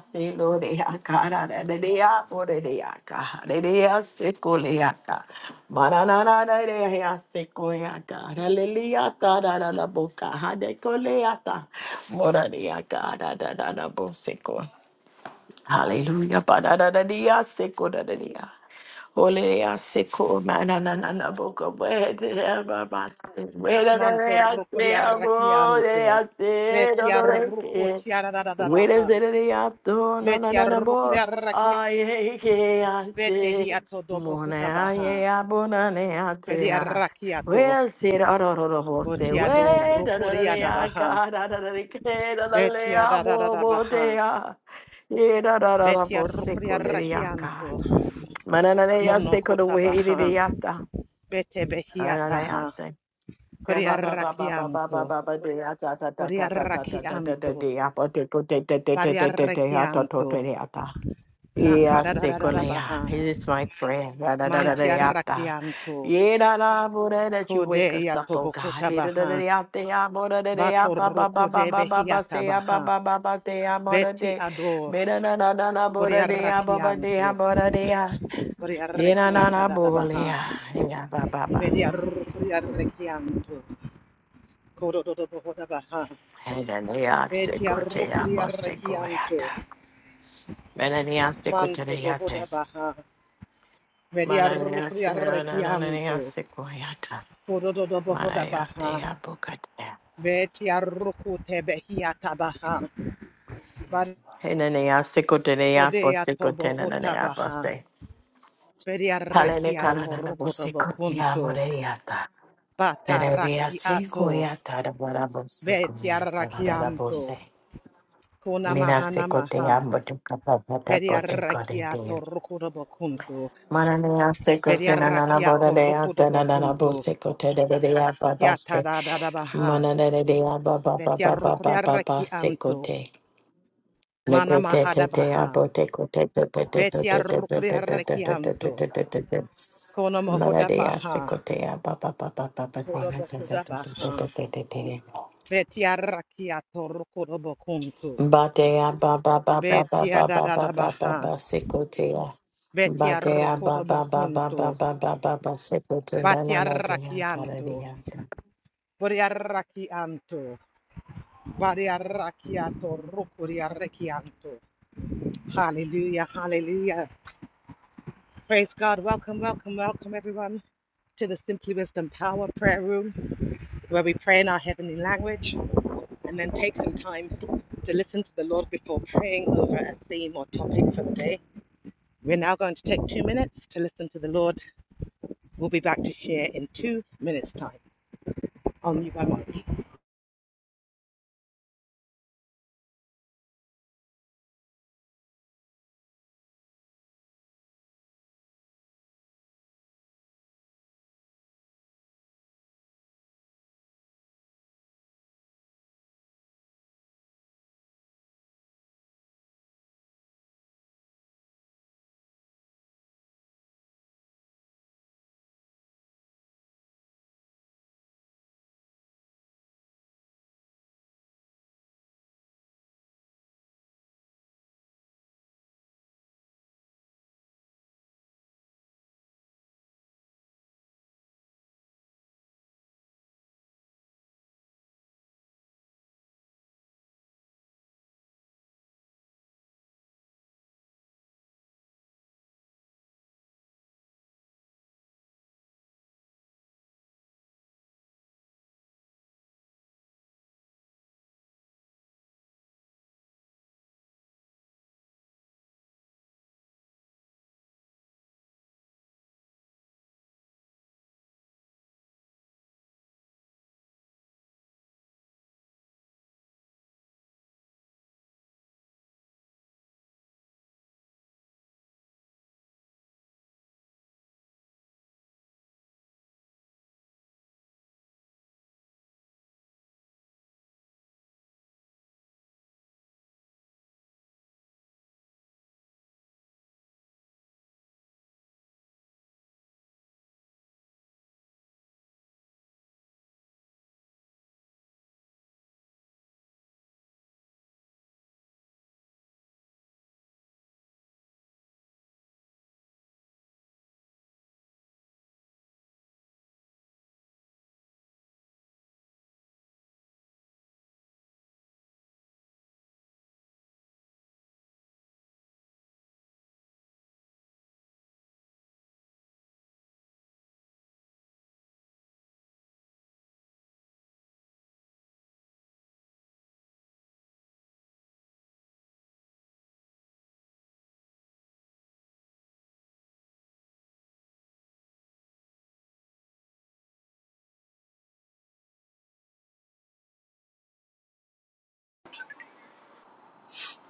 [SPEAKER 2] Ole ya seko mana na na na boko wede ya baba wede re
[SPEAKER 1] manto
[SPEAKER 2] ya
[SPEAKER 1] rocodi
[SPEAKER 2] se abo de
[SPEAKER 1] arrachianto,
[SPEAKER 2] ya se
[SPEAKER 1] veti
[SPEAKER 2] do do re ke
[SPEAKER 1] arrucoti arrachiato
[SPEAKER 2] wede
[SPEAKER 1] baha,
[SPEAKER 2] zere re ya to na na
[SPEAKER 1] veti
[SPEAKER 2] na na
[SPEAKER 1] arrucodi
[SPEAKER 2] bo
[SPEAKER 1] arrachiato,
[SPEAKER 2] aye ke ya
[SPEAKER 1] vete
[SPEAKER 2] se
[SPEAKER 1] hiato dobo
[SPEAKER 2] mona
[SPEAKER 1] hutabaha.
[SPEAKER 2] aye
[SPEAKER 1] baha,
[SPEAKER 2] ya bo na ne ya te
[SPEAKER 1] vedi
[SPEAKER 2] ya
[SPEAKER 1] arrachiato,
[SPEAKER 2] wede se ra ro ro ro bo se
[SPEAKER 1] voti ador,
[SPEAKER 2] wede da da
[SPEAKER 1] rocodi
[SPEAKER 2] da ya
[SPEAKER 1] adabaha.
[SPEAKER 2] ka da da da re ke da da le
[SPEAKER 1] Betia
[SPEAKER 2] ya
[SPEAKER 1] da da da
[SPEAKER 2] bo
[SPEAKER 1] da
[SPEAKER 2] bo te
[SPEAKER 1] baha.
[SPEAKER 2] ya ye da da da da
[SPEAKER 1] Betia
[SPEAKER 2] bo se ko
[SPEAKER 1] rukuria
[SPEAKER 2] le ya ka
[SPEAKER 1] rakianto.
[SPEAKER 2] Mananaya seko the
[SPEAKER 1] Monokota
[SPEAKER 2] way it
[SPEAKER 1] baha.
[SPEAKER 2] yata.
[SPEAKER 1] Bete
[SPEAKER 2] Mananaya
[SPEAKER 1] behiataha.
[SPEAKER 2] se. Ba
[SPEAKER 1] Kuria
[SPEAKER 2] ba ba ba ba ba ba
[SPEAKER 1] rakianto.
[SPEAKER 2] ba ba de ya ta ta ta ta
[SPEAKER 1] Kuria
[SPEAKER 2] ta ta ta ta ta ta
[SPEAKER 1] rakianto.
[SPEAKER 2] de ya po te ko te te te te
[SPEAKER 1] Paria
[SPEAKER 2] te te te ya to to te
[SPEAKER 1] rakianto.
[SPEAKER 2] ya ta. Ya
[SPEAKER 1] Nakada da da
[SPEAKER 2] seko
[SPEAKER 1] da da
[SPEAKER 2] le
[SPEAKER 1] baha.
[SPEAKER 2] ya. It is my prayer. Da da da da da
[SPEAKER 1] Mantia
[SPEAKER 2] ya ta.
[SPEAKER 1] rakianto.
[SPEAKER 2] Ye da da bo da that you wake us
[SPEAKER 1] Kodeya
[SPEAKER 2] up, oh God.
[SPEAKER 1] tobokota
[SPEAKER 2] He da da da
[SPEAKER 1] baha.
[SPEAKER 2] ya te ya bo da da da ya
[SPEAKER 1] Bato
[SPEAKER 2] ba ba ba ba
[SPEAKER 1] rukude
[SPEAKER 2] ba ba ba
[SPEAKER 1] behiata
[SPEAKER 2] se ya ba
[SPEAKER 1] baha.
[SPEAKER 2] ba ba ba te ya bo da
[SPEAKER 1] Beti
[SPEAKER 2] de.
[SPEAKER 1] ador.
[SPEAKER 2] Me da da da da da bo da
[SPEAKER 1] Kuria
[SPEAKER 2] de ya ba ba de ya
[SPEAKER 1] rakianto.
[SPEAKER 2] bo da de ya.
[SPEAKER 1] Kuria
[SPEAKER 2] Ina na
[SPEAKER 1] rakiata
[SPEAKER 2] na
[SPEAKER 1] da da baha.
[SPEAKER 2] bolea, ina ba ba ba.
[SPEAKER 1] Media rukuria rakianto. Kododo Bohoda Baha,
[SPEAKER 2] Ina ni a
[SPEAKER 1] Metia
[SPEAKER 2] sekote a
[SPEAKER 1] Rukria
[SPEAKER 2] mo
[SPEAKER 1] Rekianto,
[SPEAKER 2] sekoyata. Mana ni a
[SPEAKER 1] Manto
[SPEAKER 2] sekoteriate.
[SPEAKER 1] Bohoda Baha, Media
[SPEAKER 2] Mana ni a
[SPEAKER 1] Rukria
[SPEAKER 2] se na na na ni a
[SPEAKER 1] Rekianto,
[SPEAKER 2] sekoyata.
[SPEAKER 1] Kododo
[SPEAKER 2] Mana
[SPEAKER 1] Bohoda
[SPEAKER 2] ni a te
[SPEAKER 1] Baha,
[SPEAKER 2] a bukate.
[SPEAKER 1] Metia Rukute Behiata Baha,
[SPEAKER 2] Ina ni a sekoteri a po
[SPEAKER 1] Barcodea
[SPEAKER 2] sekote na na ni
[SPEAKER 1] Tobohota
[SPEAKER 2] a po
[SPEAKER 1] Baha,
[SPEAKER 2] se.
[SPEAKER 1] Media
[SPEAKER 2] Hale ni kana
[SPEAKER 1] Rekiato
[SPEAKER 2] na na bo
[SPEAKER 1] Rukoto
[SPEAKER 2] sekoti a
[SPEAKER 1] Bocunto,
[SPEAKER 2] moreriata. Tere bi a
[SPEAKER 1] Batarakiato,
[SPEAKER 2] sekoyata da bara bo
[SPEAKER 1] Betia
[SPEAKER 2] sekoyata da da da bo
[SPEAKER 1] Rakianto,
[SPEAKER 2] se.
[SPEAKER 1] Kona
[SPEAKER 2] Mina
[SPEAKER 1] Mahana
[SPEAKER 2] sekote a
[SPEAKER 1] Maha,
[SPEAKER 2] mo tukapa pa pa po
[SPEAKER 1] Media
[SPEAKER 2] te
[SPEAKER 1] Rekiato
[SPEAKER 2] kore
[SPEAKER 1] Rukoto Bocunto,
[SPEAKER 2] Mananea sekote na nana
[SPEAKER 1] Bediarrakia
[SPEAKER 2] boda
[SPEAKER 1] to
[SPEAKER 2] de ata na nana bo
[SPEAKER 1] rukudobokunto,
[SPEAKER 2] sekote de de de apa
[SPEAKER 1] kiata
[SPEAKER 2] baste.
[SPEAKER 1] da da da baha,
[SPEAKER 2] Manana de de apa ba ba ba ba ba ba ba
[SPEAKER 1] betiarrukudiarrakianto,
[SPEAKER 2] sekote. Le
[SPEAKER 1] mana
[SPEAKER 2] te te
[SPEAKER 1] mahada
[SPEAKER 2] te te
[SPEAKER 1] baha,
[SPEAKER 2] abo te ko te te te te te te te te te te te te te
[SPEAKER 1] betiarrukudiarrakianto,
[SPEAKER 2] te te te te.
[SPEAKER 1] kono mohoda
[SPEAKER 2] Mananea
[SPEAKER 1] baha,
[SPEAKER 2] sekote apa ba ba ba ba ba ba ba ba ba ba ba
[SPEAKER 1] kudobokuda
[SPEAKER 2] ba
[SPEAKER 1] baha,
[SPEAKER 2] ba ba ba ba. ba.
[SPEAKER 1] betiarrakia to rukudobokunto,
[SPEAKER 2] Badea ba ba ba ba ba ba
[SPEAKER 1] betia
[SPEAKER 2] ba
[SPEAKER 1] da
[SPEAKER 2] ba
[SPEAKER 1] da
[SPEAKER 2] ba
[SPEAKER 1] da
[SPEAKER 2] ba
[SPEAKER 1] baha,
[SPEAKER 2] ba sikotea. Badea ba ba ba ba ba
[SPEAKER 1] betiarrukudobokunto,
[SPEAKER 2] ba ba ba ba sikotea. La la la dea
[SPEAKER 1] batiarrakianto,
[SPEAKER 2] karadia.
[SPEAKER 1] bodiarrakianto, bodiarrakia to rukudiarrakianto, Hallelujah, hallelujah. Praise God. Welcome, welcome, welcome, everyone, to the Simply Wisdom Power Prayer Room, where we pray in our heavenly language and then take some time to listen to the Lord before praying over a theme or topic for the day. We're now going to take two minutes to listen to the Lord. We'll be back to share in two minutes' time. I'll mute my mic.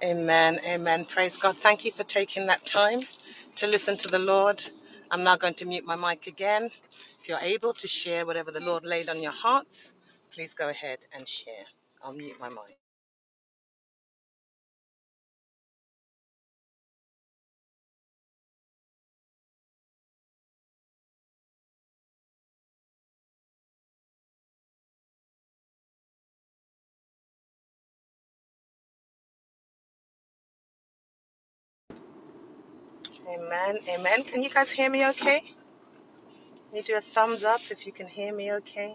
[SPEAKER 1] Amen. Amen. Praise God. Thank you for taking that time to listen to the Lord. I'm now going to mute my mic again. If you're able to share whatever the Lord laid on your hearts, please go ahead and share. I'll mute my mic. Amen. Amen. Can you guys hear me okay? Can you do a thumbs up if you can hear me okay?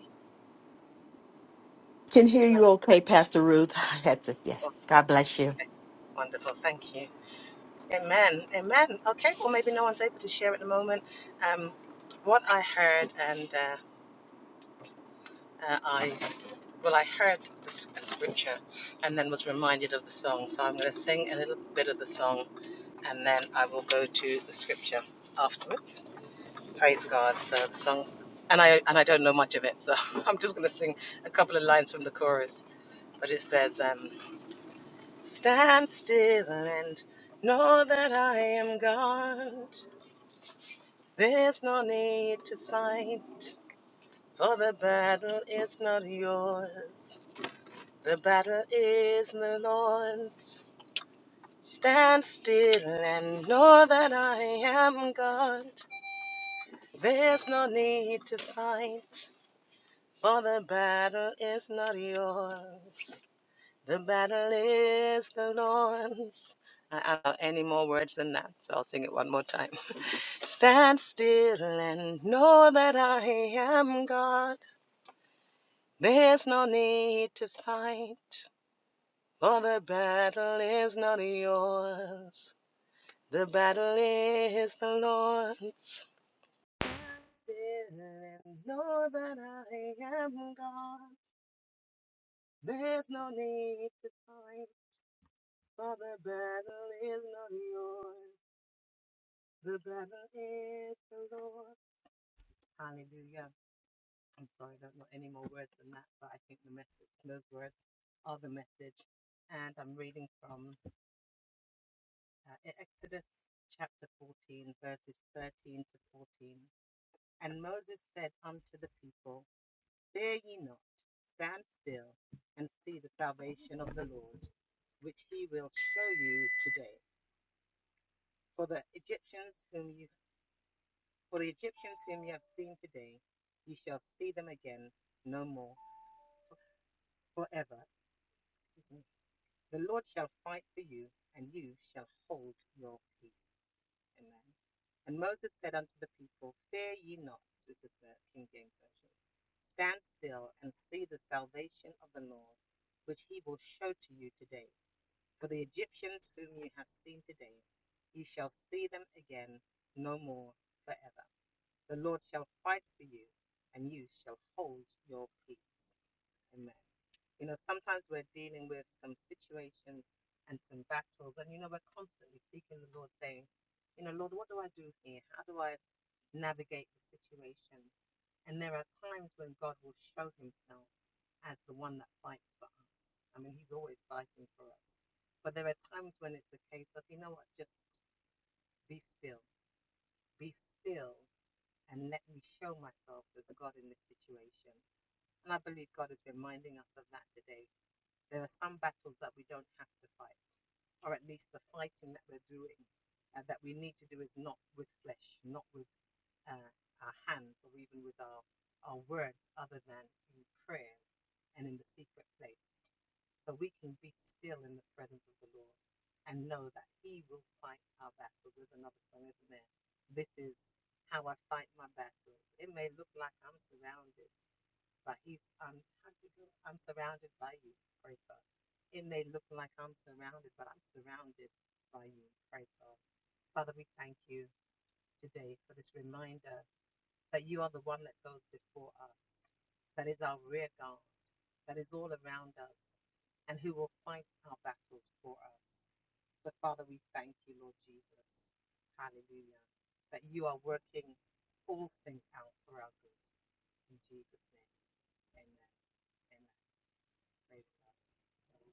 [SPEAKER 2] Can hear
[SPEAKER 1] Can I?
[SPEAKER 2] you okay, Pastor Ruth. [LAUGHS] I had to, yes.
[SPEAKER 1] Awesome.
[SPEAKER 2] God bless you.
[SPEAKER 1] Okay. Wonderful. Thank you. Amen. Amen. Okay. Well, maybe no one's able to share at the moment. Um, what I heard and uh, uh, I Well, I heard the s- a scripture and then was reminded of the song. So I'm going to sing a little bit of the song and then I will go to the scripture afterwards. Praise God. So the song, and I and I don't know much of it, so [LAUGHS] I'm just going to sing a couple of lines from the chorus. But it says, um, "Stand still and know that I am God. There's no need to fight, for the battle is not yours. The battle is the Lord's." Stand still and know that I am God. There's no need to fight, for the battle is not yours. The battle is the Lord's. I don't know any more words than that, so I'll sing it one more time. [LAUGHS] Stand still and know that I am God. There's no need to fight, for the battle is not yours. The battle is the Lord's. Still and know that I am God. There's no need to fight, for the battle is not yours. The battle is the Lord. Hallelujah. I'm sorry, I don't know any more words than that, but I think the message, those words are the message. And I'm reading from uh, E- Exodus chapter 14, verses 13 to 14. And Moses said unto the people, Dare ye not stand still and see the salvation of the Lord, which he will show you today? For the Egyptians whom you for the Egyptians whom you have seen today, you shall see them again no more forever. Excuse me. The Lord shall fight for you, and you shall hold your peace. Amen. And Moses said unto the people, Fear ye not. This is the King James Version. Stand still and see the salvation of the Lord, which he will show to you today. For the Egyptians whom you have seen today, ye shall see them again no more forever. The Lord shall fight for you, and you shall hold your peace. Amen. You know, sometimes we're dealing with some situations and some battles, and you know, we're constantly seeking the Lord, saying, you know, Lord, what do I do here? How do I navigate the situation? And there are times when God will show himself as the one that fights for us. I mean, he's always fighting for us. But there are times when it's a case of, you know what, just be still, be still, and let me show myself as God in this situation. And I believe God is reminding us of that today there are some battles that we don't have to fight, or at least the fighting that we're doing uh, that we need to do is not with flesh, not with uh, our hands, or even with our, our words, other than in prayer and in the secret place. So we can be still in the presence of the Lord and know that He will fight our battles. There's another song, isn't there? This is how I fight my battles. It may look like I'm surrounded but he's um I'm surrounded by you, praise God. It may look like I'm surrounded, but I'm surrounded by you, praise God. Father, we thank you today for this reminder that you are the one that goes before us, that is our rear guard, that is all around us, and who will fight our battles for us. So, Father, we thank you, Lord Jesus. Hallelujah. That you are working all things out for our good. In Jesus' name, amen. Amen. Praise God. Um,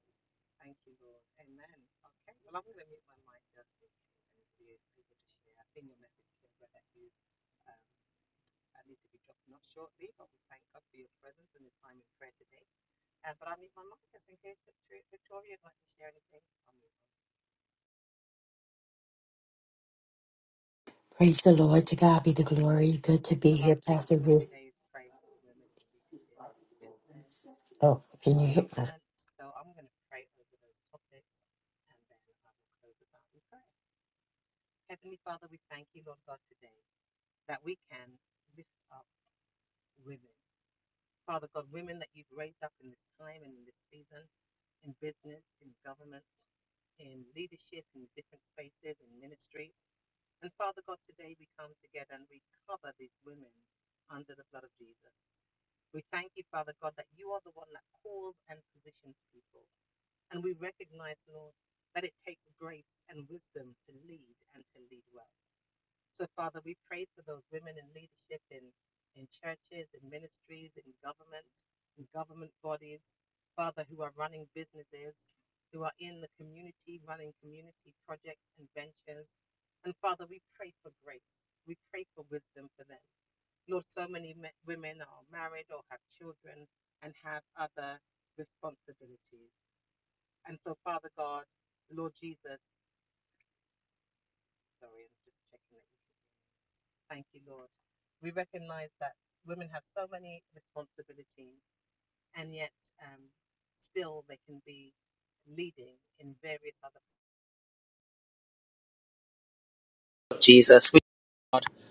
[SPEAKER 1] Thank you, Lord. Amen. Okay, well, I'm going to mute my mic just in case anybody is able to share. I've seen your message, Kimbra, that you um, I need to be dropping off shortly, but we thank God for your presence and your time in prayer today. Uh, but I'll mute my mic just in case Victoria, Victoria would like to share anything. I'll mute my mic.
[SPEAKER 2] Praise the Lord. To God be the
[SPEAKER 1] Amen.
[SPEAKER 2] glory. Good to
[SPEAKER 1] Okay,
[SPEAKER 2] be
[SPEAKER 1] well, our
[SPEAKER 2] here,
[SPEAKER 1] theme
[SPEAKER 2] Pastor
[SPEAKER 1] for
[SPEAKER 2] Ruth.
[SPEAKER 1] today is praying for women in leadership, business,
[SPEAKER 2] Oh,
[SPEAKER 1] and
[SPEAKER 2] can you hear me?
[SPEAKER 1] government. So I'm going to pray over those topics and then I will close it out in prayer. Heavenly Father, we thank you, Lord God, today that we can lift up women. Father God, women that you've raised up in this time and in this season, in business, in government, in leadership, in different spaces, in ministry. And Father God, today we come together and we cover these women under the blood of Jesus. We thank you, Father God, that you are the one that calls and positions people. And we recognize, Lord, that it takes grace and wisdom to lead and to lead well. So, Father, we pray for those women in leadership in, in churches, in ministries, in government, in government bodies, Father, who are running businesses, who are in the community, running community projects and ventures. And Father, we pray for grace. We pray for wisdom for them. Lord, so many me- women are married or have children and have other responsibilities. And so, Father God, Lord Jesus, sorry, I'm just checking that you Thank you, Lord. We recognize that women have so many responsibilities, and yet um, still they can be leading in various other. Jesus.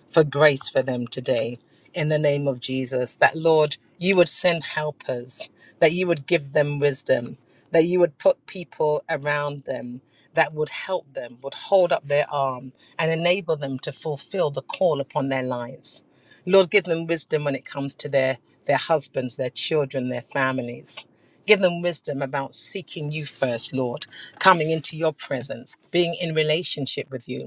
[SPEAKER 1] for grace for them today in the name of Jesus. That, Lord, you would send helpers, that you would give them wisdom, that you would put people around them that would help them, would hold up their arm and enable them to fulfill the call upon their lives. Lord, give them wisdom when it comes to their, their husbands, their children, their families. Give them wisdom about seeking you first, Lord, coming into your presence, being in relationship with you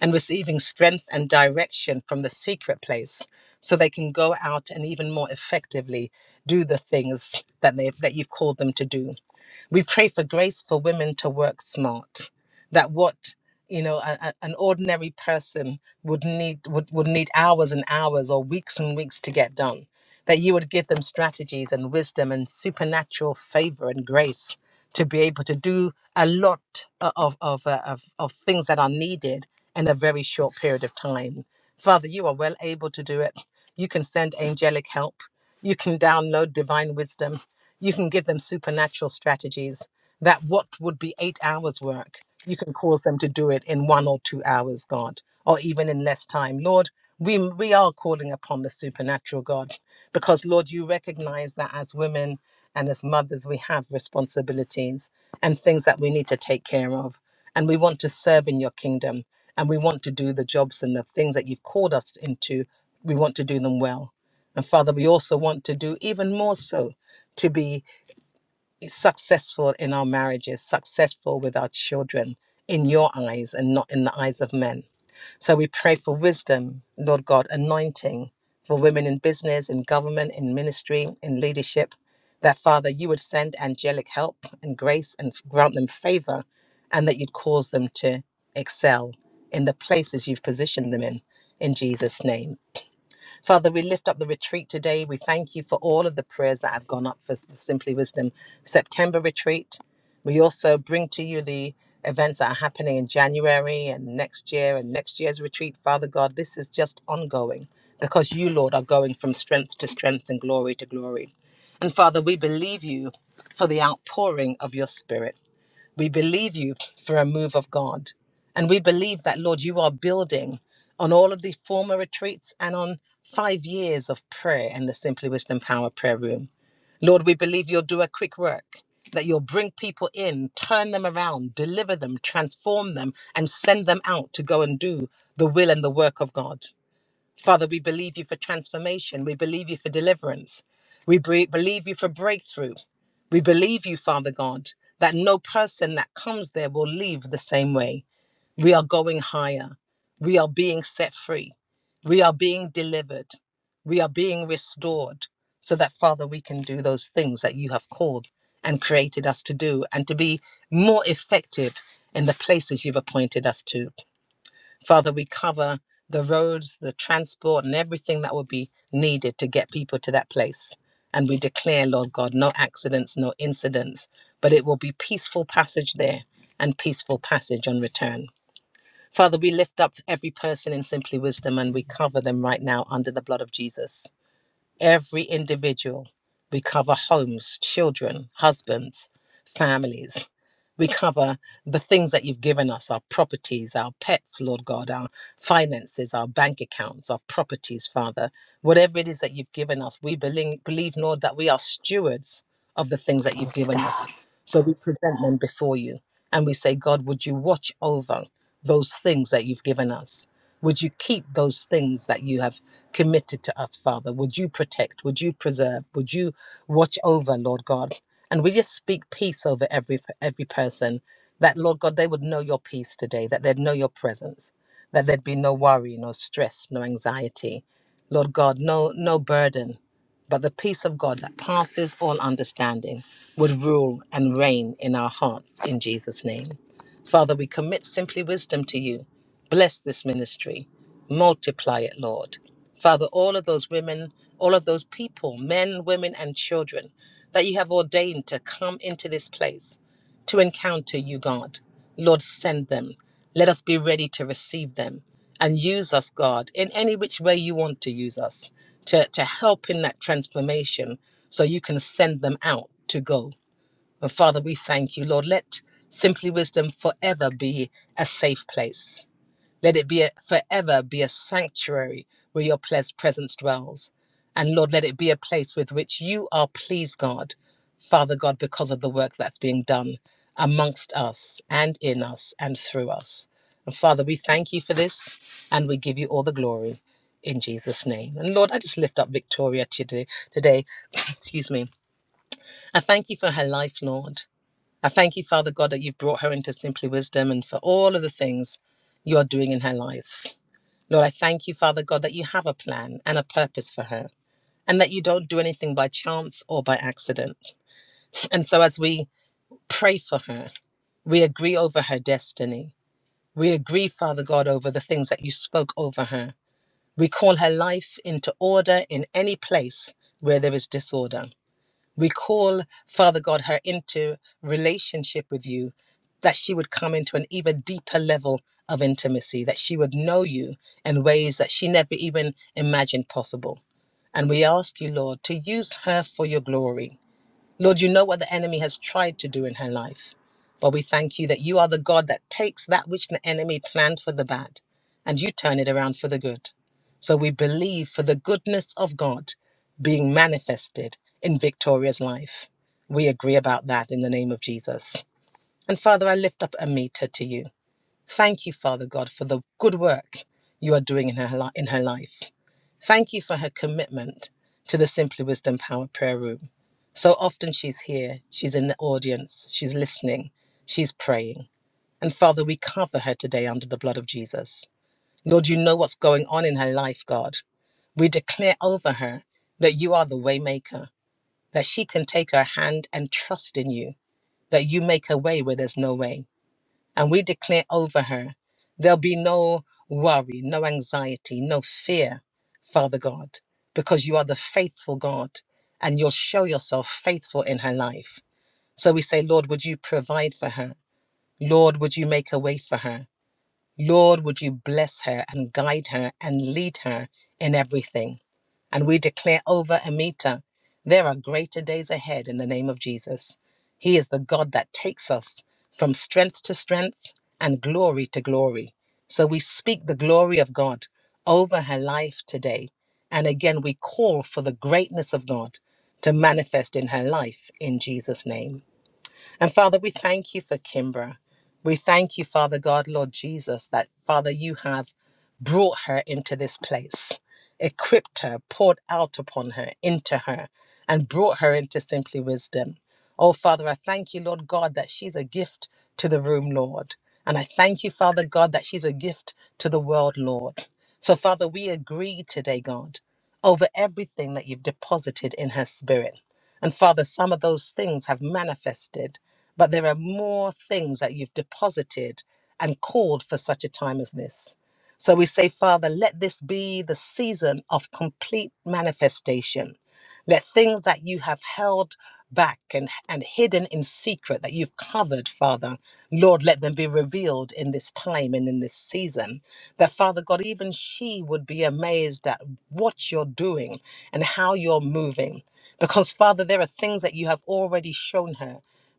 [SPEAKER 1] and receiving strength and direction from the secret place so they can go out and even more effectively do the things that they that you've called them to do we pray for grace for women to work smart, that what you know a, a- an ordinary person would need would, would need hours and hours or weeks and weeks to get done that you would give them strategies and wisdom and supernatural favor and grace to be able to do a lot o- of, of, uh, of, of things that are needed in a very short period of time. Father, you are well able to do it. You can send angelic help. You can download divine wisdom you can give them supernatural strategies that what would be eight hours work, you can cause them to do it in one or two hours, God, or even in less time. Lord, we, we are calling upon the supernatural God because, Lord, you recognize that as women and as mothers, we have responsibilities and things that we need to take care of. And we want to serve in your kingdom and we want to do the jobs and the things that you've called us into. We want to do them well. And Father, we also want to do even more so to be successful in our marriages, successful with our children in your eyes and not in the eyes of men. So we pray for wisdom, Lord God, anointing for women in business, in government, in ministry, in leadership, that Father, you would send angelic help and grace and grant them favor and that you'd cause them to excel in the places you've positioned them in. In Jesus' name. Father, we lift up the retreat today. We thank you for all of the prayers that have gone up for the Simply Wisdom September retreat. We also bring to you the events that are happening in January and next year and next year's retreat. Father God, this is just ongoing because you, Lord, are going from strength to strength and glory to glory. And Father, we believe you for the outpouring of your spirit. We believe you for a move of God. And we believe that, Lord, you are building on all of the former retreats and on five years of prayer in the Simply Wisdom Power Prayer Room. Lord, we believe you'll do a quick work, that you'll bring people in, turn them around, deliver them, transform them, and send them out to go and do the will and the work of God. Father, we believe you for transformation. We believe you for deliverance. We bre- believe you for breakthrough. We believe you, Father God, that no person that comes there will leave the same way. We are going higher. We are being set free. We are being delivered. We are being restored so that, Father, we can do those things that you have called and created us to do and to be more effective in the places you've appointed us to. Father, we cover the roads, the transport, and everything that will be needed to get people to that place. And we declare, Lord God, no accidents, no incidents, but it will be peaceful passage there and peaceful passage on return. Father, we lift up every person in Simply Wisdom and we cover them right now under the blood of Jesus every individual. We cover homes, children, husbands, families. We cover the things that you've given us our properties, our pets, Lord God, our finances, our bank accounts, our properties, Father. Whatever it is that you've given us, we believe, believe Lord, that we are stewards of the things that you've
[SPEAKER 2] Yes,
[SPEAKER 1] given us.
[SPEAKER 2] God.
[SPEAKER 1] So we present them before you and we say, God, would you watch over those things that you've given us? Would you keep those things that you have? committed to us, Father. Would you protect? Would you preserve? Would you watch over, Lord God? And we just speak peace over every every person. That Lord God, they would know your peace today, that they'd know your presence, that there'd be no worry, no stress, no anxiety. Lord God, no no burden. But the peace of God that passes all understanding would rule and reign in our hearts in Jesus' name. Father, we commit simply wisdom to you. Bless this ministry. Multiply it, Lord. Father, all of those women, all of those people, men, women, and children that you have ordained to come into this place to encounter you, God. Lord, send them. Let us be ready to receive them and use us, God, in any which way you want to use us to, to help in that transformation so you can send them out to go. And Father, we thank you, Lord. Let Simply Wisdom forever be a safe place let it be a, forever be a sanctuary where your ples- presence dwells. And Lord, let it be a place with which you are pleased, God, Father God, because of the work that's being done amongst us and in us and through us. And Father, we thank you for this and we give you all the glory in Jesus' name. And Lord, I just lift up Victoria today, today [COUGHS] excuse me. I thank you for her life, Lord. I thank you, Father God, that you've brought her into simply wisdom and for all of the things you're doing in her life. Lord, I thank you, Father God, that you have a plan and a purpose for her and that you don't do anything by chance or by accident. And so as we pray for her, we agree over her destiny. We agree, Father God, over the things that you spoke over her. We call her life into order in any place where there is disorder. We call, Father God, her into relationship with you, that she would come into an even deeper level of intimacy, that she would know you in ways that she never even imagined possible. And we ask you, Lord, to use her for your glory. Lord, you know what the enemy has tried to do in her life. But we thank you that you are the God that takes that which the enemy planned for the bad and you turn it around for the good. So we believe for the goodness of God being manifested in Victoria's life. We agree about that in the name of Jesus. And Father, I lift up Amita to you. Thank you, Father God, for the good work you are doing in her, li- in her life. Thank you for her commitment to the Simply Wisdom Power Prayer Room. So often she's here, she's in the audience, she's listening, she's praying. And Father, we cover her today under the blood of Jesus. Lord, you know what's going on in her life, God. We declare over her that you are the waymaker, that she can take her hand and trust in you, that you make a way where there's no way. And we declare over her there'll be no worry, no anxiety, no fear, Father God, because you are the faithful God and you'll show yourself faithful in her life. So we say, Lord, would you provide for her? Lord, would you make a way for her? Lord, would you bless her and guide her and lead her in everything? And we declare over Amita, there are greater days ahead in the name of Jesus. He is the God that takes us from strength to strength and glory to glory. So we speak the glory of God over her life today. And again, we call for the greatness of God to manifest in her life in Jesus' name. And Father, we thank you for Kimbra. We thank you, Father God, Lord Jesus, that Father, you have brought her into this place, equipped her, poured out upon her, into her, and brought her into simply wisdom. Oh, Father, I thank you, Lord God, that she's a gift to the room, Lord. And I thank you, Father God, that she's a gift to the world, Lord. So, Father, we agree today, God, over everything that you've deposited in her spirit. And Father, some of those things have manifested but there are more things that you've deposited and called for such a time as this. So we say, Father, let this be the season of complete manifestation. Let things that you have held back and, and hidden in secret that you've covered, Father, Lord, let them be revealed in this time and in this season. That, Father God, even she would be amazed at what you're doing and how you're moving. Because, Father, there are things that you have already shown her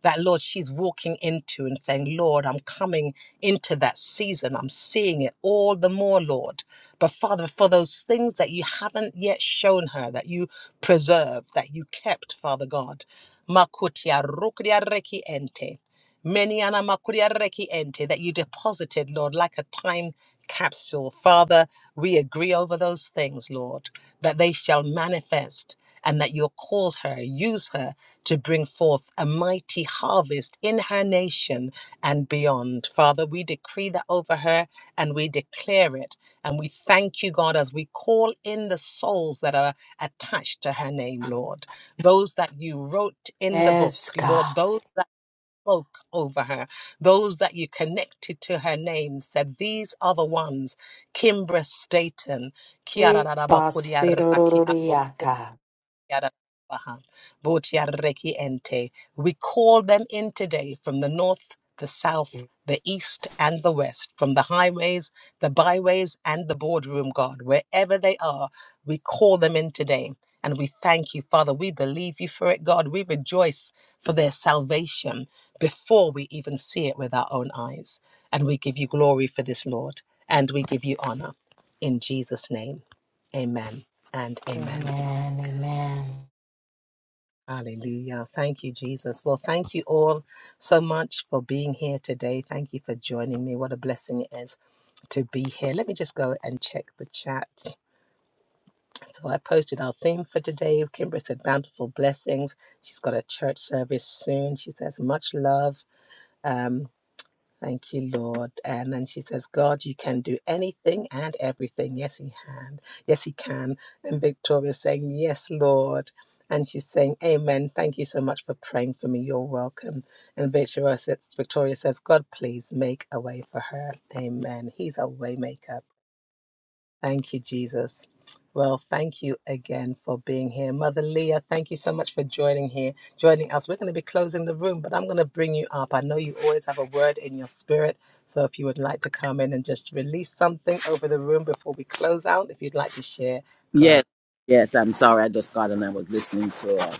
[SPEAKER 1] that, Lord, she's walking into and saying, Lord, I'm coming into that season. I'm seeing it all the more, Lord. But Father, for those things that you haven't yet shown her, that you preserved, that you kept, Father God. Makutia rukudia reki ente. Many ana makudia reki ente that you deposited, Lord, like a time capsule. Father, we agree over those things, Lord, that they shall manifest and that you'll cause her, use her to bring forth a mighty harvest in her nation and beyond. Father, we decree that over her and we declare it. And we thank you, God, as we call in the souls that are attached to her name, Lord. Those that you wrote in the book,
[SPEAKER 2] Yes, God.
[SPEAKER 1] Lord, those that spoke over her, those that you connected to her name, said, These are the ones Kimbra Staten,
[SPEAKER 2] Eh,
[SPEAKER 1] Kiara
[SPEAKER 2] basidororiaka.
[SPEAKER 1] Yadadabaha, Botiareki ente. We call them in today from the north, the south, the east, and the west, from the highways, the byways, and the boardroom, God, wherever they are, we call them in today. And we thank you, Father. We believe you for it, God. We rejoice for their salvation before we even see it with our own eyes. And we give you glory for this, Lord. And we give you honor. In Jesus' name, amen and amen.
[SPEAKER 2] Amen. Amen.
[SPEAKER 1] Hallelujah. Thank you, Jesus. Well, thank you all so much for being here today. Thank you for joining me. What a blessing it is to be here. Let me just go and check the chat. So I posted our theme for today. Kimbra said bountiful blessings. She's got a church service soon. She says much love. Um, Thank you, Lord. And then she says, God, you can do anything and everything. Yes, He can. Yes, He can. And Victoria's saying, Yes, Lord. And she's saying, Amen. Thank you so much for praying for me. You're welcome. And Victoria says, Victoria says God, please make a way for her. Amen. He's a waymaker. Thank you, Jesus. Well, thank you again for being here. Mother Leah, thank you so much for joining here, joining us. We're going to be closing the room, but I'm going to bring you up. I know you always have a word in your spirit. So if you would like to come in and just release something over the room before we close out, if you'd like to share, go ahead.
[SPEAKER 3] Yes, yes. I'm sorry. I just got and I was listening to a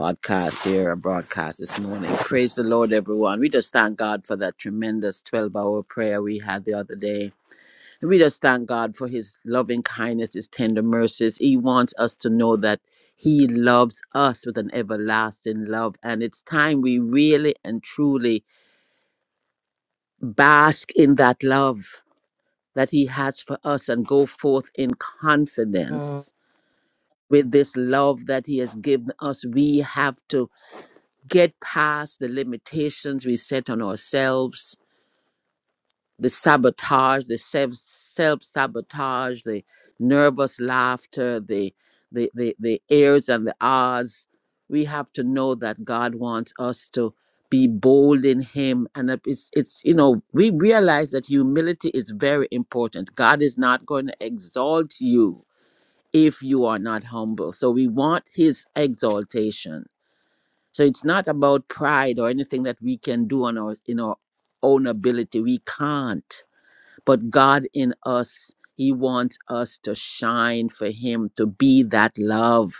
[SPEAKER 3] podcast here, a broadcast this morning. Praise the Lord, everyone. We just thank God for that tremendous 12 hour prayer we had the other day. And we just thank God for his loving kindness, his tender mercies. He wants us to know that he loves us with an everlasting love. And it's time we really and truly bask in that love that he has for us and go forth in
[SPEAKER 2] Mm.
[SPEAKER 3] confidence with this love that he has given us we have to get past the limitations we set on ourselves the sabotage the self self sabotage the nervous laughter the the the, the airs and the ahs we have to know that god wants us to be bold in him and that it's it's you know we realize that humility is very important god is not going to exalt you if you are not humble. So we want his exaltation. So it's not about pride or anything that we can do on our in our own ability. We can't. But God in us, he wants us to shine for him, to be that love.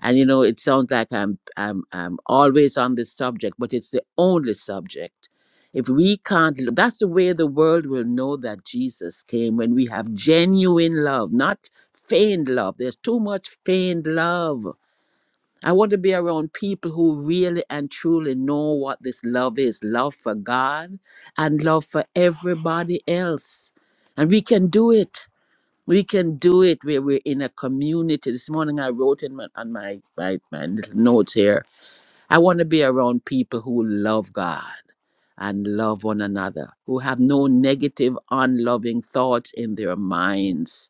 [SPEAKER 3] And you know, it sounds like I'm I'm I'm always on this subject, but it's the only subject. If we can't, l- that's the way the world will know that Jesus came when we have genuine love, not feigned love. There's too much feigned love. I want to be around people who really and truly know what this love is love for God and love for everybody else. And we can do it. We can do it where we're in a community. This morning I wrote in my, on my, my, my little notes here I want to be around people who love God and love one another, who have no negative, unloving thoughts in their minds.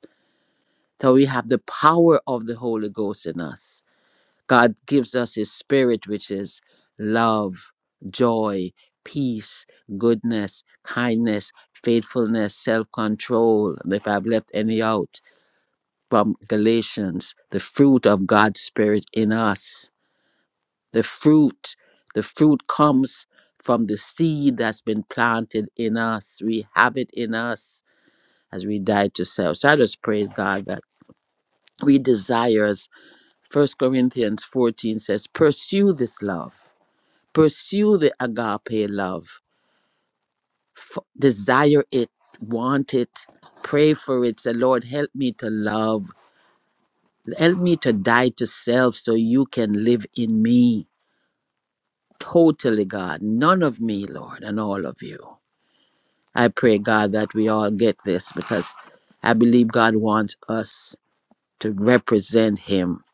[SPEAKER 3] So we have the power of the Holy Ghost in us. God gives us His Spirit, which is love, joy, peace, goodness, kindness, faithfulness, self control. If I've left any out, from Galatians, the fruit of God's Spirit in us. The fruit, the fruit comes from the seed that's been planted in us. We have it in us as we die to self. So I just praise God that we desire, as 1 Corinthians 14 says, pursue this love, pursue the agape love, F- desire it, want it, pray for it. Say, Lord, help me to love Help me to die to self so you can live in me totally, God. None of me, Lord, and all of you. I pray, God, that we all get this because I believe God wants us to represent Him,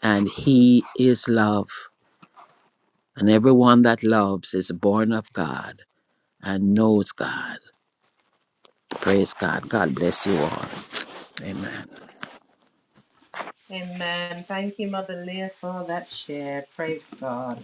[SPEAKER 3] and He is love. And everyone that loves is born of God and knows God. Praise God. God bless you all. Amen.
[SPEAKER 1] Amen. Thank you, Mother Leah, for that share. Praise God.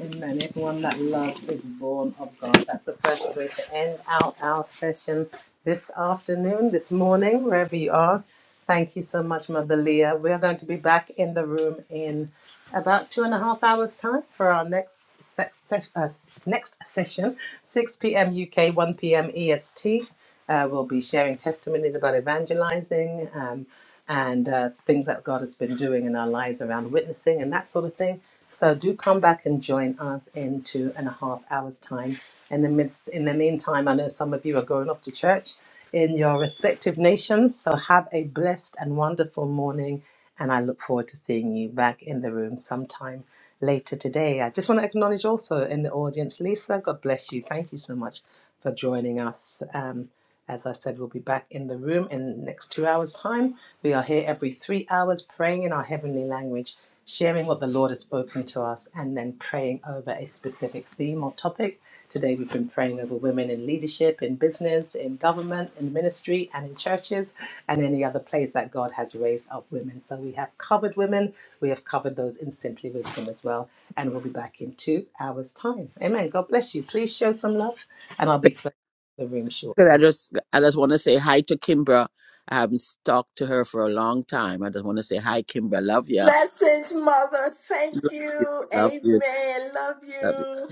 [SPEAKER 1] Amen. Everyone that loves is born of God. That's the first way to end out our session this afternoon, this morning, wherever you are. Thank you so much, Mother Leah. We are going to be back in the room in about two and a half hours' time for our next se- se- uh, s- next session, 6 p.m. UK, 1 p.m. EST. Uh, we'll be sharing testimonies about evangelizing um, and uh, things that God has been doing in our lives around witnessing and that sort of thing. So do come back and join us in two and a half hours time. In the midst, in the meantime, I know some of you are going off to church in your respective nations. So have a blessed and wonderful morning. And I look forward to seeing you back in the room sometime later today. I just want to acknowledge also in the audience, Lisa, God bless you. Thank you so much for joining us. Um, as I said, we'll be back in the room in the next two hours' time. We are here every three hours praying in our heavenly language sharing what the Lord has spoken to us, and then praying over a specific theme or topic. Today, we've been praying over women in leadership, in business, in government, in ministry, and in churches, and any other place that God has raised up women. So, we have covered women, we have covered those in Simply Wisdom as well, and we'll be back in two hours' time. Amen. God bless you. Please show some love, and I'll be closing the room
[SPEAKER 3] Good. I
[SPEAKER 1] shortly.
[SPEAKER 3] just I just want to say hi to Kimbra. I haven't talked to her for a long time. I just want to say hi, Kimbra. Love ya.
[SPEAKER 2] Blessings, Mother. Thank you.
[SPEAKER 3] Love you.
[SPEAKER 2] Amen. Love
[SPEAKER 3] Love you.
[SPEAKER 2] you.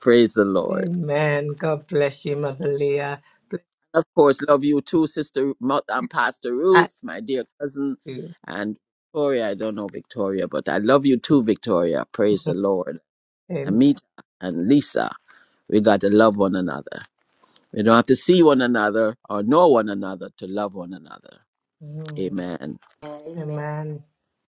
[SPEAKER 3] Praise the Lord.
[SPEAKER 1] Amen. God bless you, Mother Leah.
[SPEAKER 3] Of course, love you too, Sister Mott and Pastor
[SPEAKER 1] Bless
[SPEAKER 3] Ruth, my dear cousin,
[SPEAKER 1] you.
[SPEAKER 3] and Victoria. I don't know Victoria, but I love you too, Victoria. Praise the
[SPEAKER 1] [LAUGHS]
[SPEAKER 3] Lord.
[SPEAKER 1] Amen.
[SPEAKER 3] Amita and Lisa, we got to love one another. We don't have to see one another or know one another to love one another.
[SPEAKER 1] Mm,
[SPEAKER 3] Amen.
[SPEAKER 2] Amen.
[SPEAKER 1] Amen.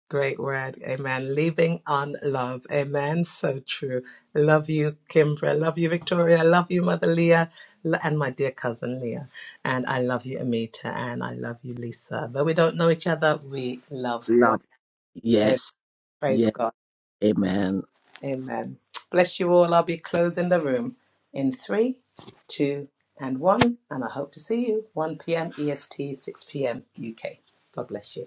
[SPEAKER 1] Great word. Amen. Leaving on love. Amen. So true. Love you, Kimbra. Love you, Victoria. Love you, Mother Leah. L- And my dear cousin Leah. And I love you, Amita. And I love you, Lisa. Though we don't know each other, we love one
[SPEAKER 3] Love.
[SPEAKER 1] another.
[SPEAKER 3] Yes. Yes.
[SPEAKER 1] Praise God.
[SPEAKER 3] Amen.
[SPEAKER 1] Amen. Bless you all. I'll be closing the room in three, two, and one. And I hope to see you 1 p.m. EST, 6 p.m. UK. God bless you.